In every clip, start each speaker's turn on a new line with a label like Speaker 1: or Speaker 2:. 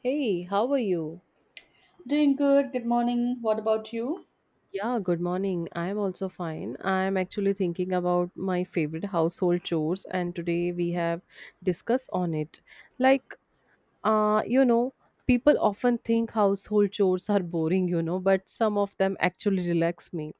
Speaker 1: Hey, how are you?
Speaker 2: Doing good. Good morning. What about you?
Speaker 1: Yeah, good morning. I'm also fine. I'm actually thinking about my favorite household chores, and today we have discussed on it. Like, uh, you know, People often think household chores are boring, but some of them actually relax me.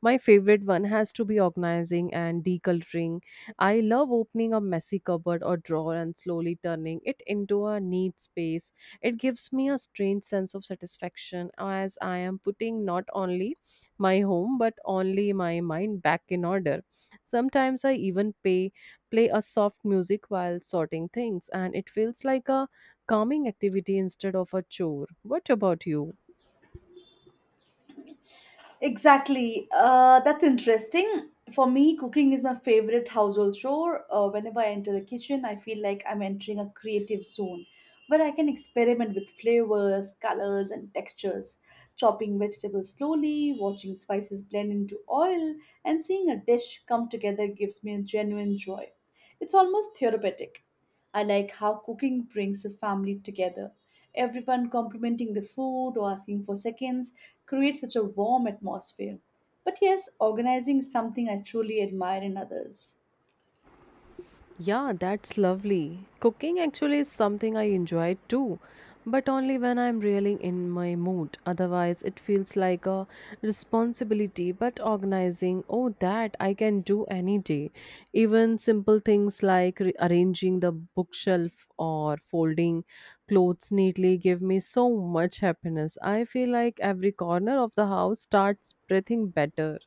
Speaker 1: My favorite one has to be organizing and decluttering. I love opening a messy cupboard or drawer and slowly turning it into a neat space. It gives me a strange sense of satisfaction as I am putting not only my home but only my mind back in order. Sometimes I even pay play a soft music while sorting things, and it feels like a calming activity instead of a chore. What about you?
Speaker 2: Exactly. That's interesting. For me, cooking is my favorite household chore. Whenever I enter the kitchen, I feel like I'm entering a creative zone where I can experiment with flavors, colors, and textures. Chopping vegetables slowly, watching spices blend into oil, and seeing a dish come together gives me a genuine joy. It's almost therapeutic. I like how cooking brings a family together. Everyone complimenting the food or asking for seconds creates such a warm atmosphere. But yes, organizing is something I truly admire in others.
Speaker 1: Yeah, that's lovely. Cooking actually is something I enjoy too, but only when I'm really in my mood. Otherwise, it feels like a responsibility. But organizing, oh, that I can do any day. Even simple things like arranging the bookshelf or folding clothes neatly give me so much happiness. I feel like every corner of the house starts breathing better.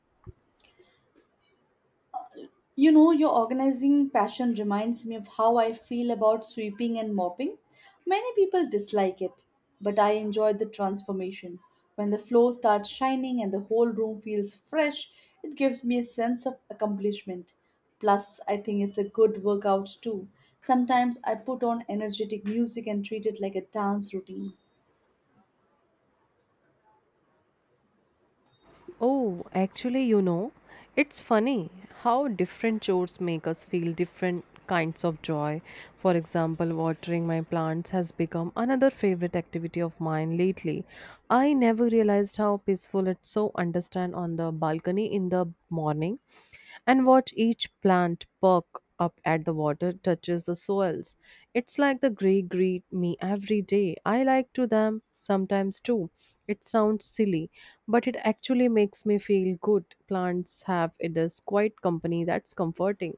Speaker 2: You know, your organizing passion reminds me of how I feel about sweeping and mopping. Many people dislike it, but I enjoy the transformation. When the floor starts shining and the whole room feels fresh, it gives me a sense of accomplishment. Plus, I think it's a good workout too. Sometimes I put on energetic music and treat it like a dance routine.
Speaker 1: Oh, actually, it's funny how different chores make us feel different kinds of joy. For example, watering my plants has become another favorite activity of mine lately. I never realized how peaceful it's so understand on the balcony in the morning and watch each plant perk up at the water touches the soils. It's like the gray greet me every day. I like to them sometimes too. It sounds silly, but it actually makes me feel good. Plants have it is quite company that's comforting.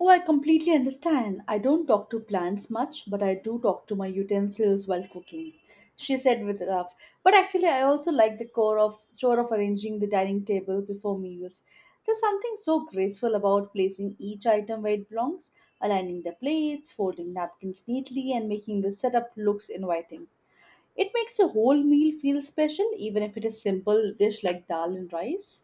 Speaker 2: Oh, I completely understand. I don't talk to plants much, but I do talk to my utensils while cooking. She said with a laugh. But actually, I also like the core of chore of arranging the dining table before meals. There's something so graceful about placing each item where it belongs, aligning the plates, folding napkins neatly, and making the setup looks inviting. It makes a whole meal feel special, even if it is simple dish like dal and rice.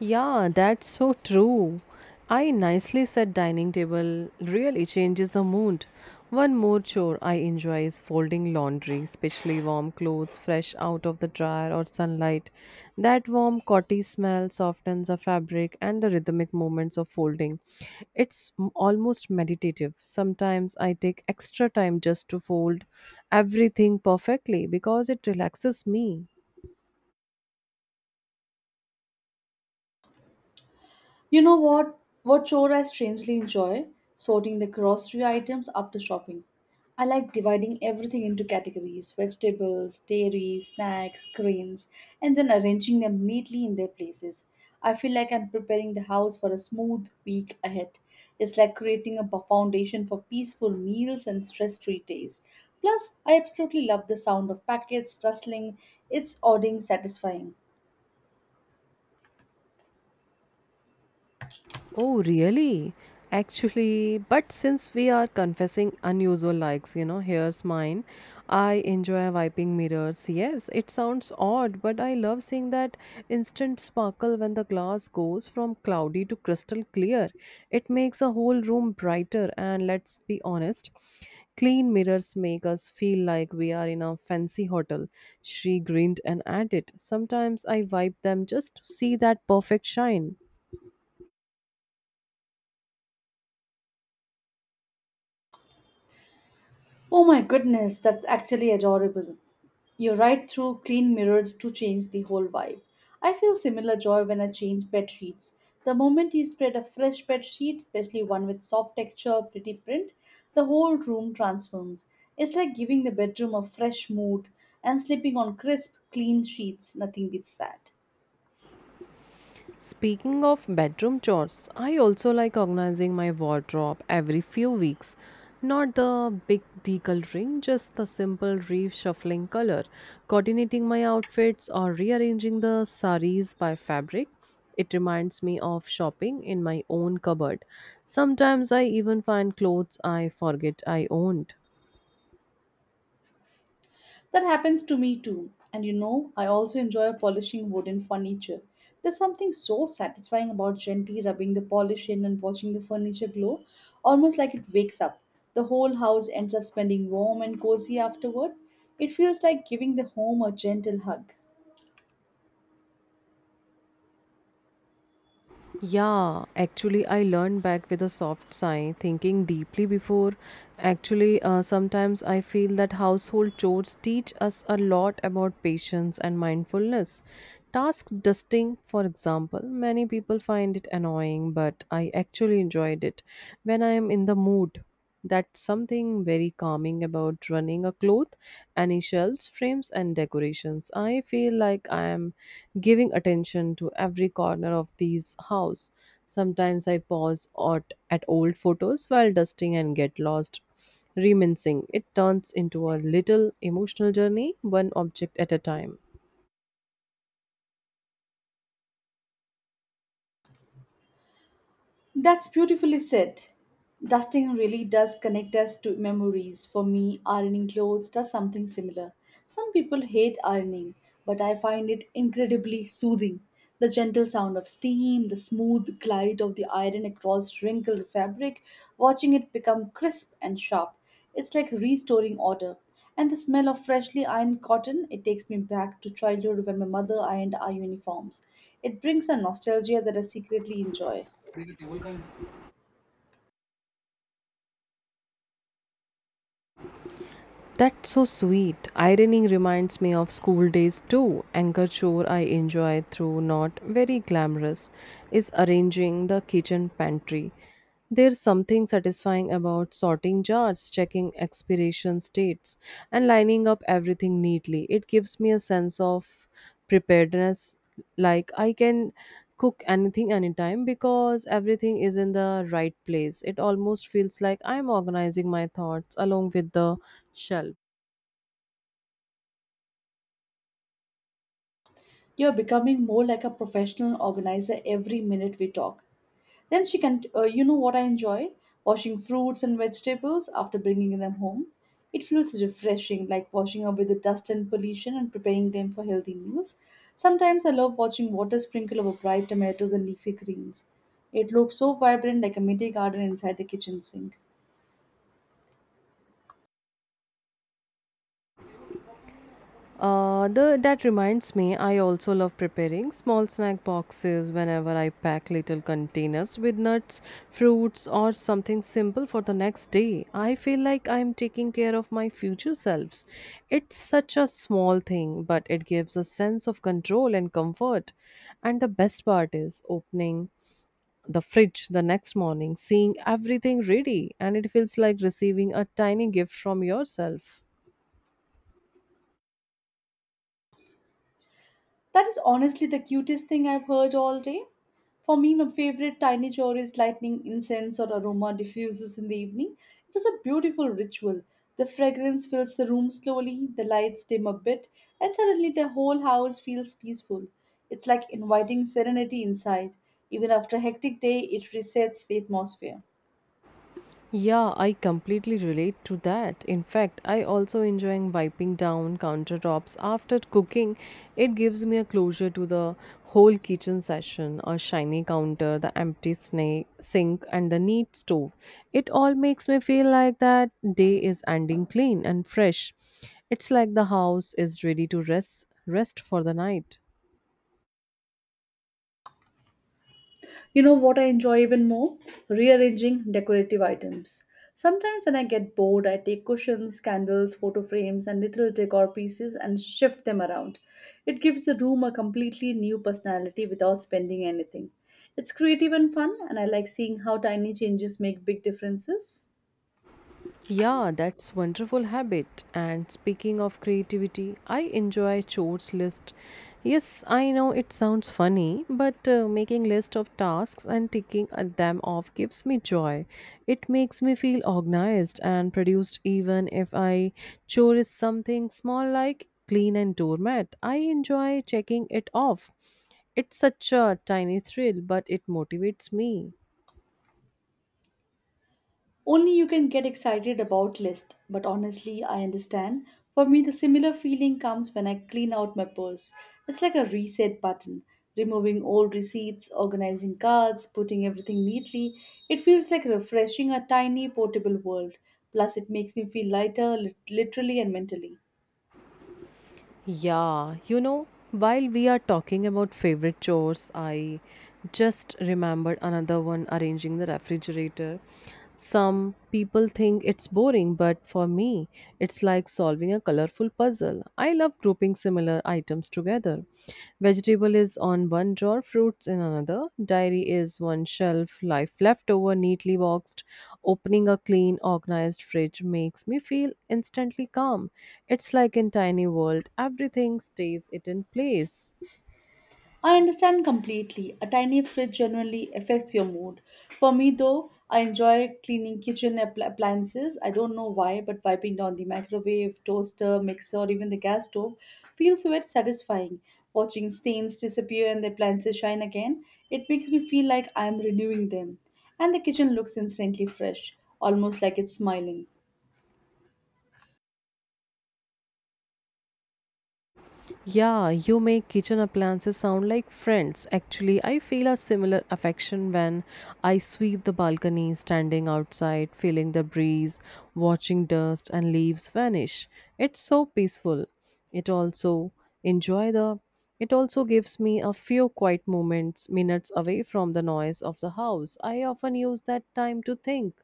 Speaker 1: Yeah, that's so true. I nicely set dining table really changes the mood. One more chore I enjoy is folding laundry, especially warm clothes fresh out of the dryer or sunlight. That warm cotton smell softens the fabric and the rhythmic movements of folding. It's almost meditative. Sometimes I take extra time just to fold everything perfectly because it relaxes me.
Speaker 2: You know what? What chore I strangely enjoy? Sorting the grocery items after shopping. I like dividing everything into categories vegetables, dairy, snacks, grains, and then arranging them neatly in their places. I feel like I'm preparing the house for a smooth week ahead. It's like creating a foundation for peaceful meals and stress free days. Plus, I absolutely love the sound of packets rustling, it's odding satisfying.
Speaker 1: Oh, really? Actually, but since we are confessing unusual likes, here's mine. I enjoy wiping mirrors. Yes, it sounds odd, but I love seeing that instant sparkle when the glass goes from cloudy to crystal clear. It makes a whole room brighter, and let's be honest, clean mirrors make us feel like we are in a fancy hotel. She grinned and added, sometimes I wipe them just to see that perfect shine.
Speaker 2: Oh my goodness, that's actually adorable. You ride through clean mirrors to change the whole vibe. I feel similar joy when I change bed sheets. The moment you spread a fresh bed sheet, especially one with soft texture, pretty print, the whole room transforms. It's like giving the bedroom a fresh mood and sleeping on crisp, clean sheets. Nothing beats that.
Speaker 1: Speaking of bedroom chores, I also like organizing my wardrobe every few weeks. Not the big decluttering, just the simple reshuffling color, coordinating my outfits, or rearranging the saris by fabric. It reminds me of shopping in my own cupboard. Sometimes I even find clothes I forget I owned.
Speaker 2: That happens to me too. And you know, I also enjoy polishing wooden furniture. There's something so satisfying about gently rubbing the polish in and watching the furniture glow, almost like it wakes up. The whole house ends up smelling warm and cozy afterward. It feels like giving the home a gentle hug.
Speaker 1: Yeah, actually, I learned back with a soft sigh, thinking deeply before. Actually, sometimes I feel that household chores teach us a lot about patience and mindfulness. Task dusting, for example, many people find it annoying, but I actually enjoyed it when I am in the mood. That's something very calming about running a cloth, any shelves, frames, and decorations. I feel like I am giving attention to every corner of these house. Sometimes I pause at old photos while dusting and get lost reminiscing. It turns into a little emotional journey, one object at a time.
Speaker 2: That's beautifully said. Dusting really does connect us to memories. For me, ironing clothes does something similar. Some people hate ironing, but I find it incredibly soothing. The gentle sound of steam, the smooth glide of the iron across wrinkled fabric, watching it become crisp and sharp. It's like restoring order. And the smell of freshly ironed cotton, it takes me back to childhood when my mother ironed our uniforms. It brings a nostalgia that I secretly enjoy.
Speaker 1: That's so sweet. Ironing reminds me of school days too. Another chore I enjoy through not very glamorous is arranging the kitchen pantry. There's something satisfying about sorting jars, checking expiration dates, and lining up everything neatly. It gives me a sense of preparedness, like I can cook anything anytime because everything is in the right place. It almost feels like I'm organizing my thoughts along with the shelf.
Speaker 2: You're becoming more like a professional organizer every minute we talk. Then she can, you know what I enjoy? Washing fruits and vegetables after bringing them home. It feels refreshing, like washing away the dust and pollution and preparing them for healthy meals. Sometimes I love watching water sprinkle over bright tomatoes and leafy greens. It looks so vibrant, like a mini garden inside the kitchen sink.
Speaker 1: That reminds me, I also love preparing small snack boxes whenever I pack little containers with nuts, fruits, or something simple for the next day. I feel like I am taking care of my future selves. It's such a small thing, but it gives a sense of control and comfort. And the best part is opening the fridge the next morning, seeing everything ready, and it feels like receiving a tiny gift from yourself.
Speaker 2: That is honestly the cutest thing I've heard all day. For me, my favorite tiny chore is lighting incense or aroma diffusers in the evening. It's just a beautiful ritual. The fragrance fills the room slowly, the lights dim a bit, and suddenly the whole house feels peaceful. It's like inviting serenity inside. Even after a hectic day, it resets the atmosphere.
Speaker 1: Yeah, I completely relate to that. In fact, I also enjoying wiping down countertops after cooking. It gives me a closure to the whole kitchen session, a shiny counter, the empty snake, sink and the neat stove. It all makes me feel like that day is ending clean and fresh. It's like the house is ready to rest for the night.
Speaker 2: You know what I enjoy even more? Rearranging decorative items. Sometimes when I get bored, I take cushions, candles, photo frames, and little decor pieces and shift them around. It gives the room a completely new personality without spending anything. It's creative and fun, and I like seeing how tiny changes make big differences.
Speaker 1: Yeah, that's wonderful habit. And speaking of creativity, I enjoy chores list. Yes, I know it sounds funny, but making list of tasks and ticking them off gives me joy. It makes me feel organized and produced even if I chore is something small like clean and doormat. I enjoy checking it off. It's such a tiny thrill, but it motivates me.
Speaker 2: Only you can get excited about list, but honestly, I understand. For me, the similar feeling comes when I clean out my purse. It's like a reset button, removing old receipts, organizing cards, putting everything neatly. It feels like refreshing a tiny portable world. Plus, it makes me feel lighter, literally and mentally.
Speaker 1: Yeah, you know, while we are talking about favorite chores, I just remembered another one arranging the refrigerator. Some people think it's boring, but for me, it's like solving a colorful puzzle. I love grouping similar items together. Vegetable is on one drawer, fruits in another. Diary is one shelf, life left over neatly boxed. Opening a clean, organized fridge makes me feel instantly calm. It's like in tiny world, everything stays it in place.
Speaker 2: I understand completely. A tiny fridge generally affects your mood. For me, though, I enjoy cleaning kitchen appliances. I don't know why, but wiping down the microwave, toaster, mixer, or even the gas stove feels very satisfying. Watching stains disappear and the appliances shine again, it makes me feel like I'm renewing them. And the kitchen looks instantly fresh, almost like it's smiling.
Speaker 1: Yeah, you make kitchen appliances sound like friends. Actually, I feel a similar affection when I sweep the balcony, standing outside, feeling the breeze, watching dust and leaves vanish. It's so peaceful. It also enjoy the it also gives me a few quiet moments, minutes away from the noise of the house. I often use that time to think,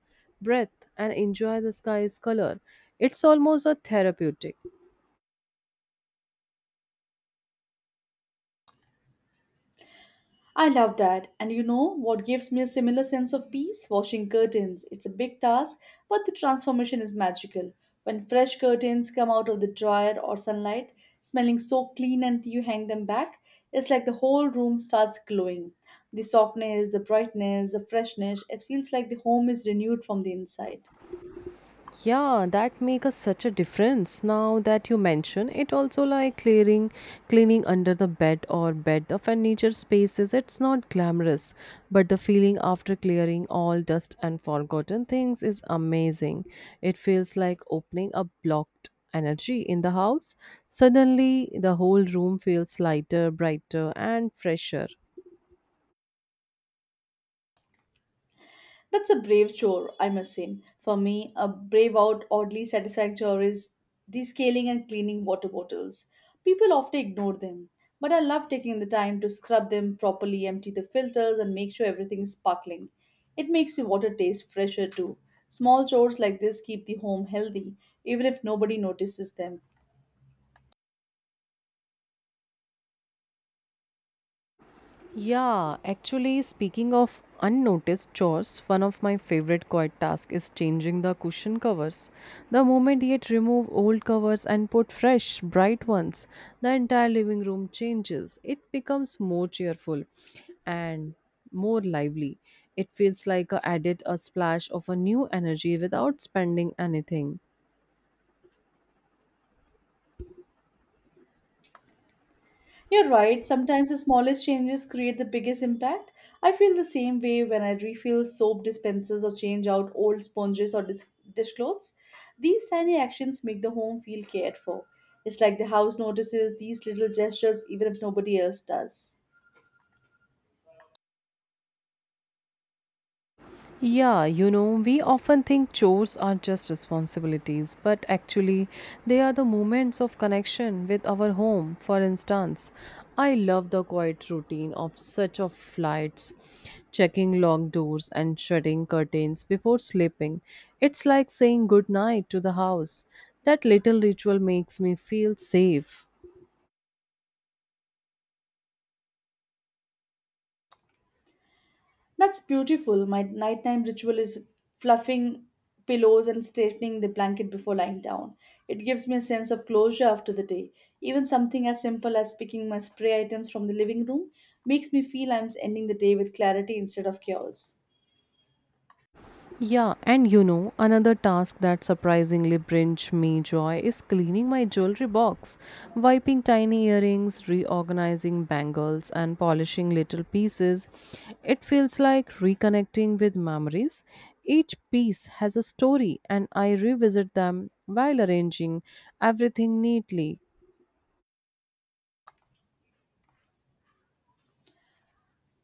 Speaker 1: breathe, and enjoy the sky's color. It's almost a therapeutic.
Speaker 2: I love that. And you know what gives me a similar sense of peace? Washing curtains. It's a big task, but the transformation is magical. When fresh curtains come out of the dryer or sunlight, smelling so clean and you hang them back, it's like the whole room starts glowing. The softness, the brightness, the freshness, it feels like the home is renewed from the inside.
Speaker 1: Yeah, that make us such a difference. Now that you mention it, also like cleaning under the the furniture spaces. It's not glamorous, but the feeling after clearing all dust and forgotten things is amazing. It feels like opening a blocked energy in the house. Suddenly, the whole room feels lighter, brighter, and fresher.
Speaker 2: That's a brave chore, I must say. For me, a brave out, oddly satisfying chore is descaling and cleaning water bottles. People often ignore them, but I love taking the time to scrub them properly, empty the filters, and make sure everything is sparkling. It makes your water taste fresher too. Small chores like this keep the home healthy, even if nobody notices them.
Speaker 1: Yeah, actually, speaking of unnoticed chores, one of my favorite quiet tasks is changing the cushion covers. The moment yet remove old covers and put fresh, bright ones, the entire living room changes. It becomes more cheerful and more lively. It feels like I added a splash of a new energy without spending anything.
Speaker 2: You're right, sometimes the smallest changes create the biggest impact. I feel the same way when I refill soap dispensers or change out old sponges or dishcloths. These tiny actions make the home feel cared for. It's like the house notices these little gestures even if nobody else does.
Speaker 1: Yeah, you know, we often think chores are just responsibilities, but actually, they are the moments of connection with our home. For instance, I love the quiet routine of such of flights, checking locked doors and shutting curtains before sleeping. It's like saying good night to the house. That little ritual makes me feel safe.
Speaker 2: That's beautiful. My nighttime ritual is fluffing pillows and straightening the blanket before lying down. It gives me a sense of closure after the day. Even something as simple as picking my spray items from the living room makes me feel I'm ending the day with clarity instead of chaos.
Speaker 1: Yeah, and you know, another task that surprisingly brings me joy is cleaning my jewelry box, wiping tiny earrings, reorganizing bangles, and polishing little pieces. It feels like reconnecting with memories. Each piece has a story, and I revisit them while arranging everything neatly.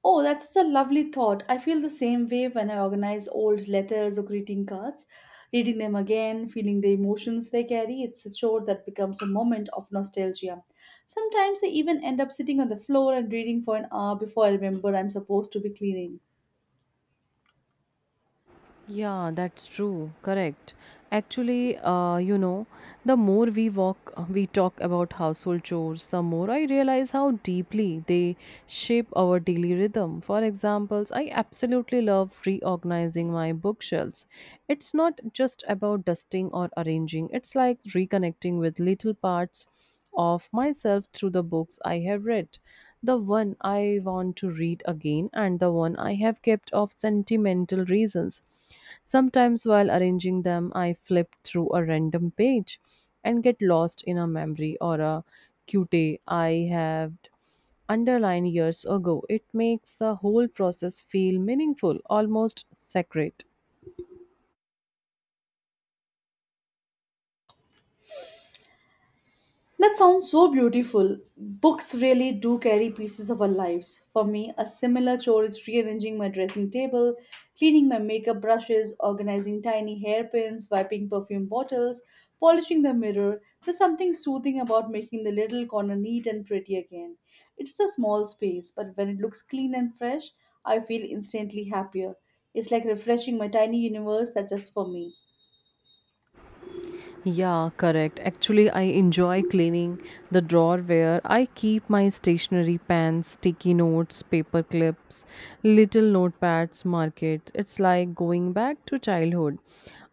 Speaker 2: Oh, that's such a lovely thought. I feel the same way when I organize old letters or greeting cards. Reading them again, feeling the emotions they carry, it's a chore that becomes a moment of nostalgia. Sometimes I even end up sitting on the floor and reading for an hour before I remember I'm supposed to be cleaning.
Speaker 1: Yeah, that's true. Correct. Actually, the more we talk about household chores, the more I realize how deeply they shape our daily rhythm. For examples, I absolutely love reorganizing my bookshelves. It's not just about dusting or arranging, it's like reconnecting with little parts of myself through the books I have read, the one I want to read again and the one I have kept of sentimental reasons. Sometimes while arranging them, I flip through a random page and get lost in a memory or a cutie I have underlined years ago. It makes the whole process feel meaningful, almost sacred.
Speaker 2: That sounds so beautiful. Books really do carry pieces of our lives. For me, a similar chore is rearranging my dressing table, cleaning my makeup brushes, organizing tiny hairpins, wiping perfume bottles, polishing the mirror. There's something soothing about making the little corner neat and pretty again. It's a small space, but when it looks clean and fresh, I feel instantly happier. It's like refreshing my tiny universe that's just for me.
Speaker 1: Yeah, correct. Actually, I enjoy cleaning the drawer where I keep my stationery pens, sticky notes, paper clips, little notepads, markers. It's like going back to childhood.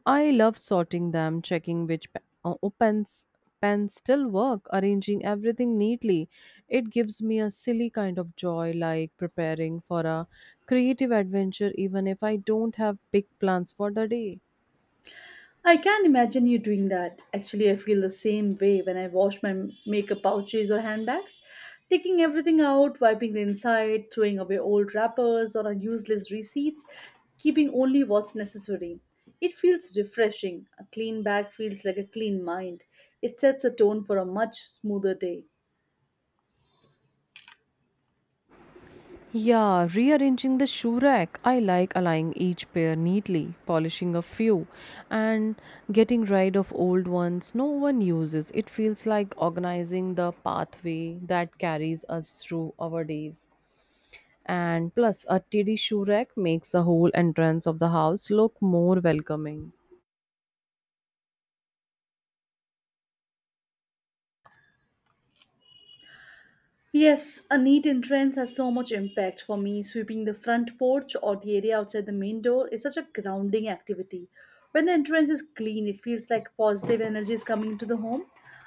Speaker 1: I love sorting them, checking which opens pens still work, arranging everything neatly. It gives me a silly kind of joy, like preparing for a creative adventure, even if I don't have big plans for the day.
Speaker 2: I can imagine you doing that. Actually, I feel the same way when I wash my makeup pouches or handbags. Taking everything out, wiping the inside, throwing away old wrappers or useless receipts, keeping only what's necessary. It feels refreshing. A clean bag feels like a clean mind. It sets a tone for a much smoother day.
Speaker 1: Yeah, rearranging the shoe rack. I like aligning each pair neatly, polishing a few, and getting rid of old ones no one uses. It feels like organizing the pathway that carries us through our days. And plus, a tidy shoe rack makes the whole entrance of the house look more welcoming.
Speaker 2: Yes, a neat entrance has so much impact for me. Sweeping the front porch or the area outside the main door is such a grounding activity. When the entrance is clean, it feels like positive energy is coming into the home.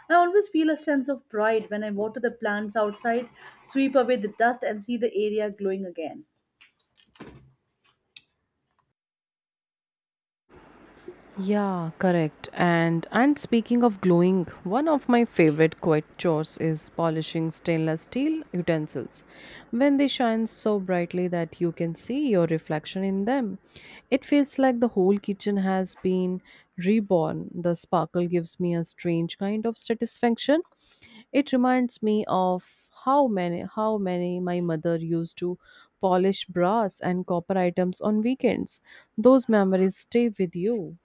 Speaker 2: I always feel a sense of pride when I water the plants outside, sweep away the dust, and see the area glowing again.
Speaker 1: Yeah, correct. And speaking of gluing, one of my favorite quiet chores is polishing stainless steel utensils. When they shine so brightly that you can see your reflection in them, it feels like the whole kitchen has been reborn. The sparkle gives me a strange kind of satisfaction. It reminds me of how many my mother used to polish brass and copper items on weekends. Those memories stay with you.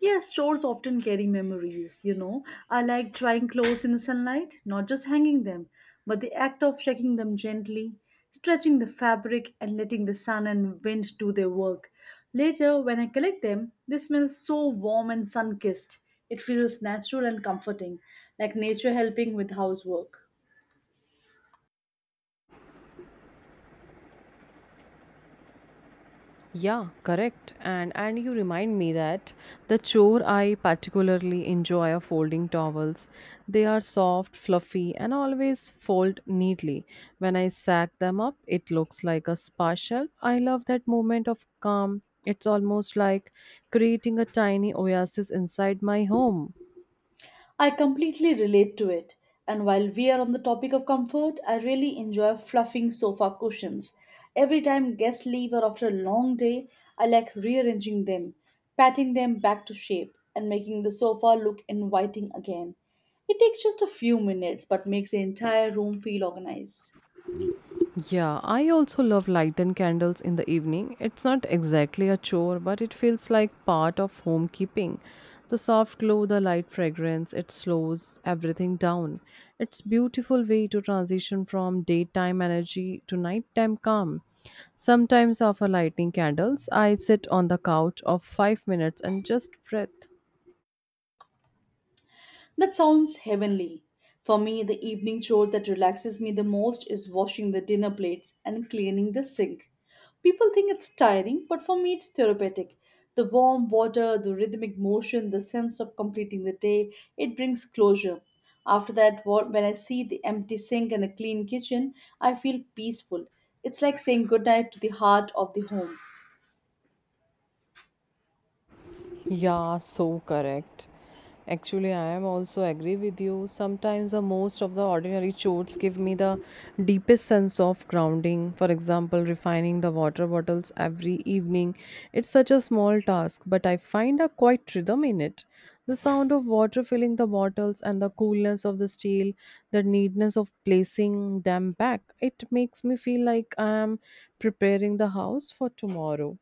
Speaker 2: Yes, shorts often carry memories, you know. I like drying clothes in the sunlight, not just hanging them, but the act of shaking them gently, stretching the fabric, and letting the sun and wind do their work. Later, when I collect them, they smell so warm and sun kissed. It feels natural and comforting, like nature helping with housework.
Speaker 1: Yeah, correct. And you remind me that the chore I particularly enjoy are folding towels. They are soft, fluffy, and always fold neatly. When I sack them up, it looks like a spa shelf. I love that moment of calm. It's almost like creating a tiny oasis inside my home.
Speaker 2: I completely relate to it. And while we are on the topic of comfort, I really enjoy fluffing sofa cushions. Every time guests leave or after a long day, I like rearranging them, patting them back to shape, and making the sofa look inviting again. It takes just a few minutes but makes the entire room feel organized.
Speaker 1: Yeah, I also love light and candles in the evening. It's not exactly a chore, but it feels like part of homekeeping. The soft glow, the light fragrance, it slows everything down. It's beautiful way to transition from daytime energy to nighttime calm. Sometimes after lighting candles, I sit on the couch of 5 minutes and just breathe.
Speaker 2: That sounds heavenly. For me, the evening chore that relaxes me the most is washing the dinner plates and cleaning the sink. People think it's tiring, but for me, it's therapeutic. The warm water, the rhythmic motion, the sense of completing the day, it brings closure. After that, when I see the empty sink and a clean kitchen, I feel peaceful. It's like saying goodnight to the heart of the home.
Speaker 1: Yeah, so correct. Actually, I am also agree with you. Sometimes the most of the ordinary chores give me the deepest sense of grounding. For example, refining the water bottles every evening. It's such a small task, but I find a quiet rhythm in it. The sound of water filling the bottles and the coolness of the steel, the neatness of placing them back. It makes me feel like I am preparing the house for tomorrow.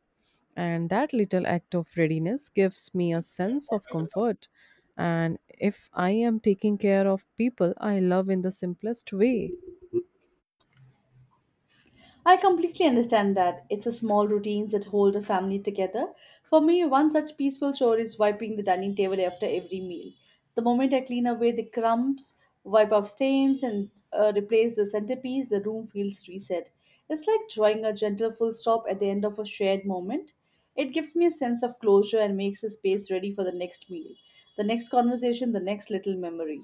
Speaker 1: And that little act of readiness gives me a sense of comfort. And if I am taking care of people I love in the simplest way,
Speaker 2: I completely understand that. It's the small routines that hold a family together. For me, one such peaceful chore is wiping the dining table after every meal. The moment I clean away the crumbs, wipe off stains, and replace the centerpiece, the room feels reset. It's like drawing a gentle full stop at the end of a shared moment. It gives me a sense of closure and makes the space ready for the next meal, the next conversation, the next little memory.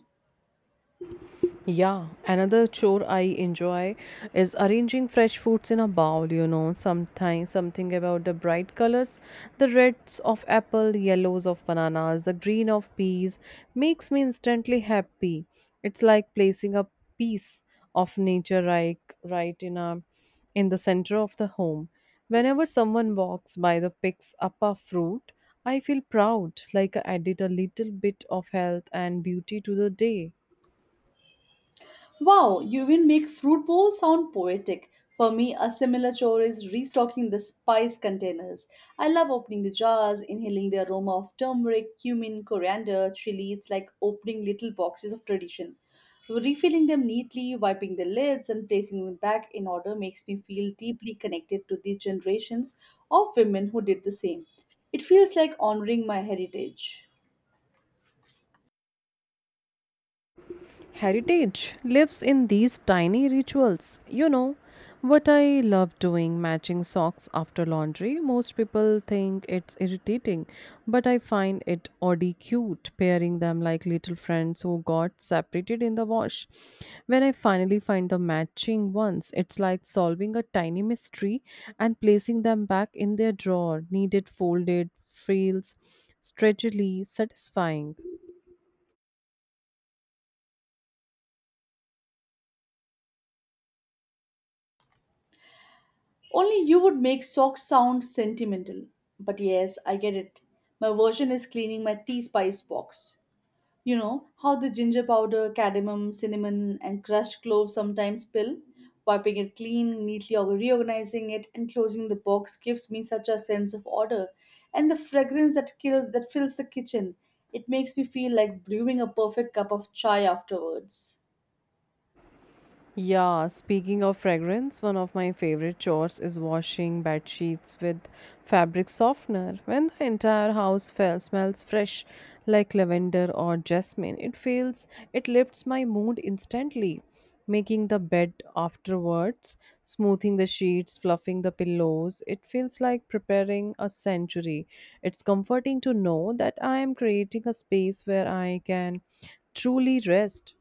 Speaker 1: yeah, another chore I enjoy is arranging fresh fruits in a bowl, sometimes something about the bright colors, the reds of apple, yellows of bananas, the green of peas makes me instantly happy. It's like placing a piece of nature right in the center of the home. Whenever someone walks by the picks up a fruit, I feel proud, like I added a little bit of health and beauty to the day.
Speaker 2: Wow, you will make fruit bowl sound poetic. For me, a similar chore is restocking the spice containers. I love opening the jars, inhaling the aroma of turmeric, cumin, coriander, chili. It's like opening little boxes of tradition. Refilling them neatly, wiping the lids, and placing them back in order makes me feel deeply connected to the generations of women who did the same. It feels like honoring my heritage.
Speaker 1: Heritage lives in these tiny rituals. You know what I love doing matching socks after laundry. Most people think it's irritating, but I find it oddly cute pairing them like little friends who got separated in the wash. When I finally find the matching ones, it's like solving a tiny mystery and placing them back in their drawer. Needed folded feels stretchily satisfying.
Speaker 2: Only you would make socks sound sentimental. But yes, I get it. My version is cleaning my tea spice box. You know how the ginger powder, cardamom, cinnamon, and crushed cloves sometimes spill? Wiping it clean, neatly or reorganizing it, and closing the box gives me such a sense of order. And the fragrance that kills that fills the kitchen. It makes me feel like brewing a perfect cup of chai afterwards.
Speaker 1: Yeah, speaking of fragrance, one of my favorite chores is washing bed sheets with fabric softener. When the entire house smells fresh like lavender or jasmine, it feels it lifts my mood instantly, making the bed afterwards, smoothing the sheets, fluffing the pillows. It feels like preparing a sanctuary. It's comforting to know that I am creating a space where I can truly rest.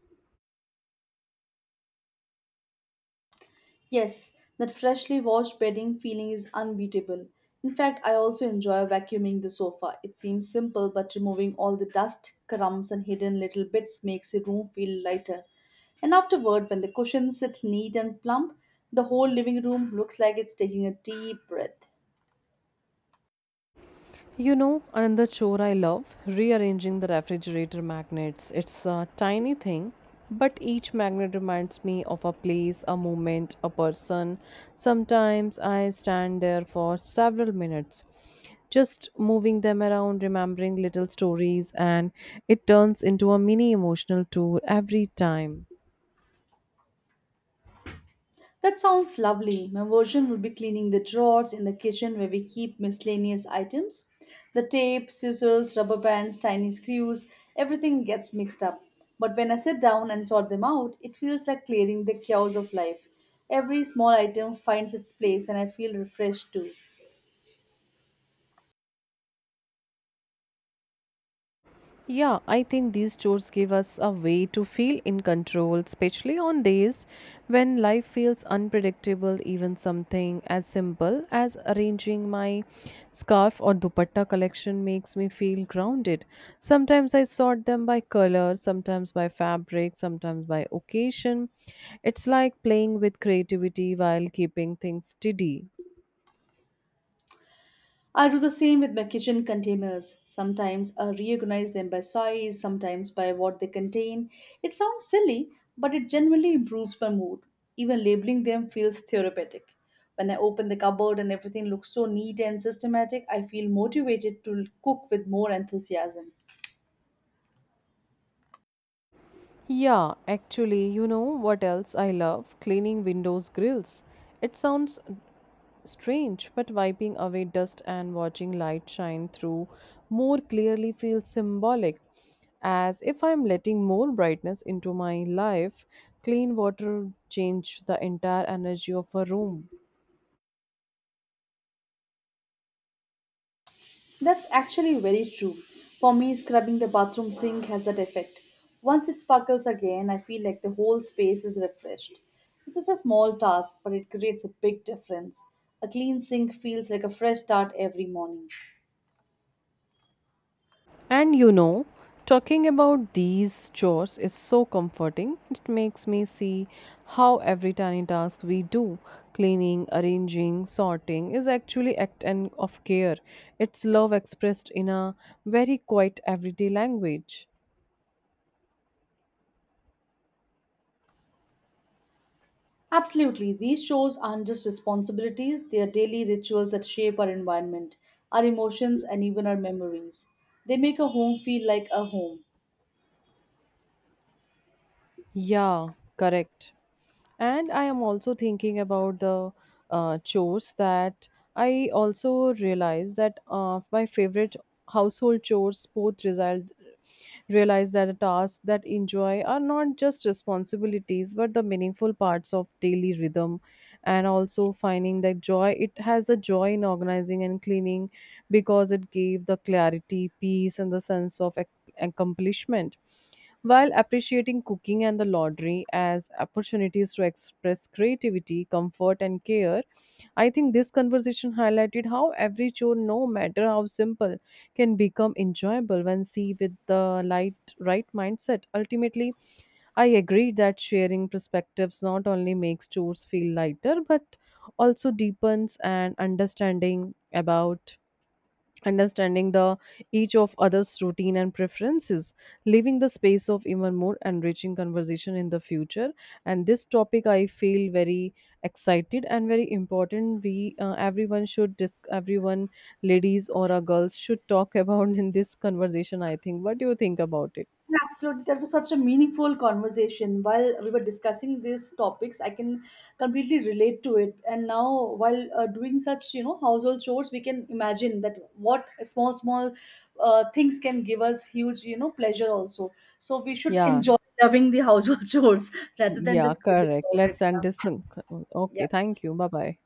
Speaker 2: Yes, that freshly washed bedding feeling is unbeatable. In fact, I also enjoy vacuuming the sofa. It seems simple, but removing all the dust, crumbs, and hidden little bits makes the room feel lighter. And afterward, when the cushions sit neat and plump, the whole living room looks like it's taking a deep breath.
Speaker 1: You know, another chore I love rearranging the refrigerator magnets. It's a tiny thing, but each magnet reminds me of a place, a moment, a person. Sometimes I stand there for several minutes, just moving them around, remembering little stories, and it turns into a mini emotional tour every time.
Speaker 2: That sounds lovely. My version would be cleaning the drawers in the kitchen where we keep miscellaneous items. The tape, scissors, rubber bands, tiny screws, everything gets mixed up. But when I sit down and sort them out, it feels like clearing the chaos of life. Every small item finds its place and I feel refreshed too.
Speaker 1: Yeah, I think these chores give us a way to feel in control, especially on days when life feels unpredictable. Even something as simple as arranging my scarf or dupatta collection makes me feel grounded. Sometimes I sort them by color, sometimes by fabric, sometimes by occasion. It's like playing with creativity while keeping things steady.
Speaker 2: I do the same with my kitchen containers. Sometimes I reorganize them by size, sometimes by what they contain. It sounds silly, but it genuinely improves my mood. Even labeling them feels therapeutic. When I open the cupboard and everything looks so neat and systematic, I feel motivated to cook with more enthusiasm.
Speaker 1: Yeah, actually, you know what else I love? Cleaning windows grills. It sounds strange, but wiping away dust and watching light shine through more clearly feels symbolic, as if I'm letting more brightness into my life. Clean water change the entire energy of a room.
Speaker 2: That's actually very true. For me, scrubbing the bathroom sink has that effect. Once it sparkles again, I feel like the whole space is refreshed. This is a small task, but it creates a big difference. A clean sink feels like a fresh start every morning.
Speaker 1: And you know, talking about these chores is so comforting. It makes me see how every tiny task we do, cleaning, arranging, sorting, is actually act and of care. It's love expressed in a very quiet everyday language.
Speaker 2: Absolutely, these shows aren't just responsibilities, they are daily rituals that shape our environment, our emotions, and even our memories. They make a home feel like a home.
Speaker 1: Yeah, correct. And I am also thinking about the chores that I also realize that my favorite household chores both result realize that the tasks that enjoy are not just responsibilities but the meaningful parts of daily rhythm, and also finding that joy, it has a joy in organizing and cleaning because it gave the clarity, peace, and the sense of accomplishment while appreciating cooking and the laundry as opportunities to express creativity, comfort, and care. I think this conversation highlighted how every chore, no matter how simple, can become enjoyable when seen with the light, right mindset. Ultimately, I agree that sharing perspectives not only makes chores feel lighter, but also deepens an understanding about understanding the each of others routine and preferences, leaving the space of even more enriching conversation in the future. And this topic, I feel very excited and very important. We, everyone should disc everyone, ladies or girls, should talk about in this conversation. I think, what do you think about it?
Speaker 2: Absolutely, that was such a meaningful conversation. While we were discussing these topics, I can completely relate to it. And now, while doing such, household chores, we can imagine that what small, small things can give us huge, pleasure also. So we should
Speaker 1: Yeah,
Speaker 2: enjoy loving the household chores rather than
Speaker 1: yeah,
Speaker 2: just cribbing
Speaker 1: correct.
Speaker 2: about
Speaker 1: Let's
Speaker 2: it.
Speaker 1: end
Speaker 2: Yeah.
Speaker 1: this. Okay,
Speaker 2: Yeah.
Speaker 1: thank you. Bye bye.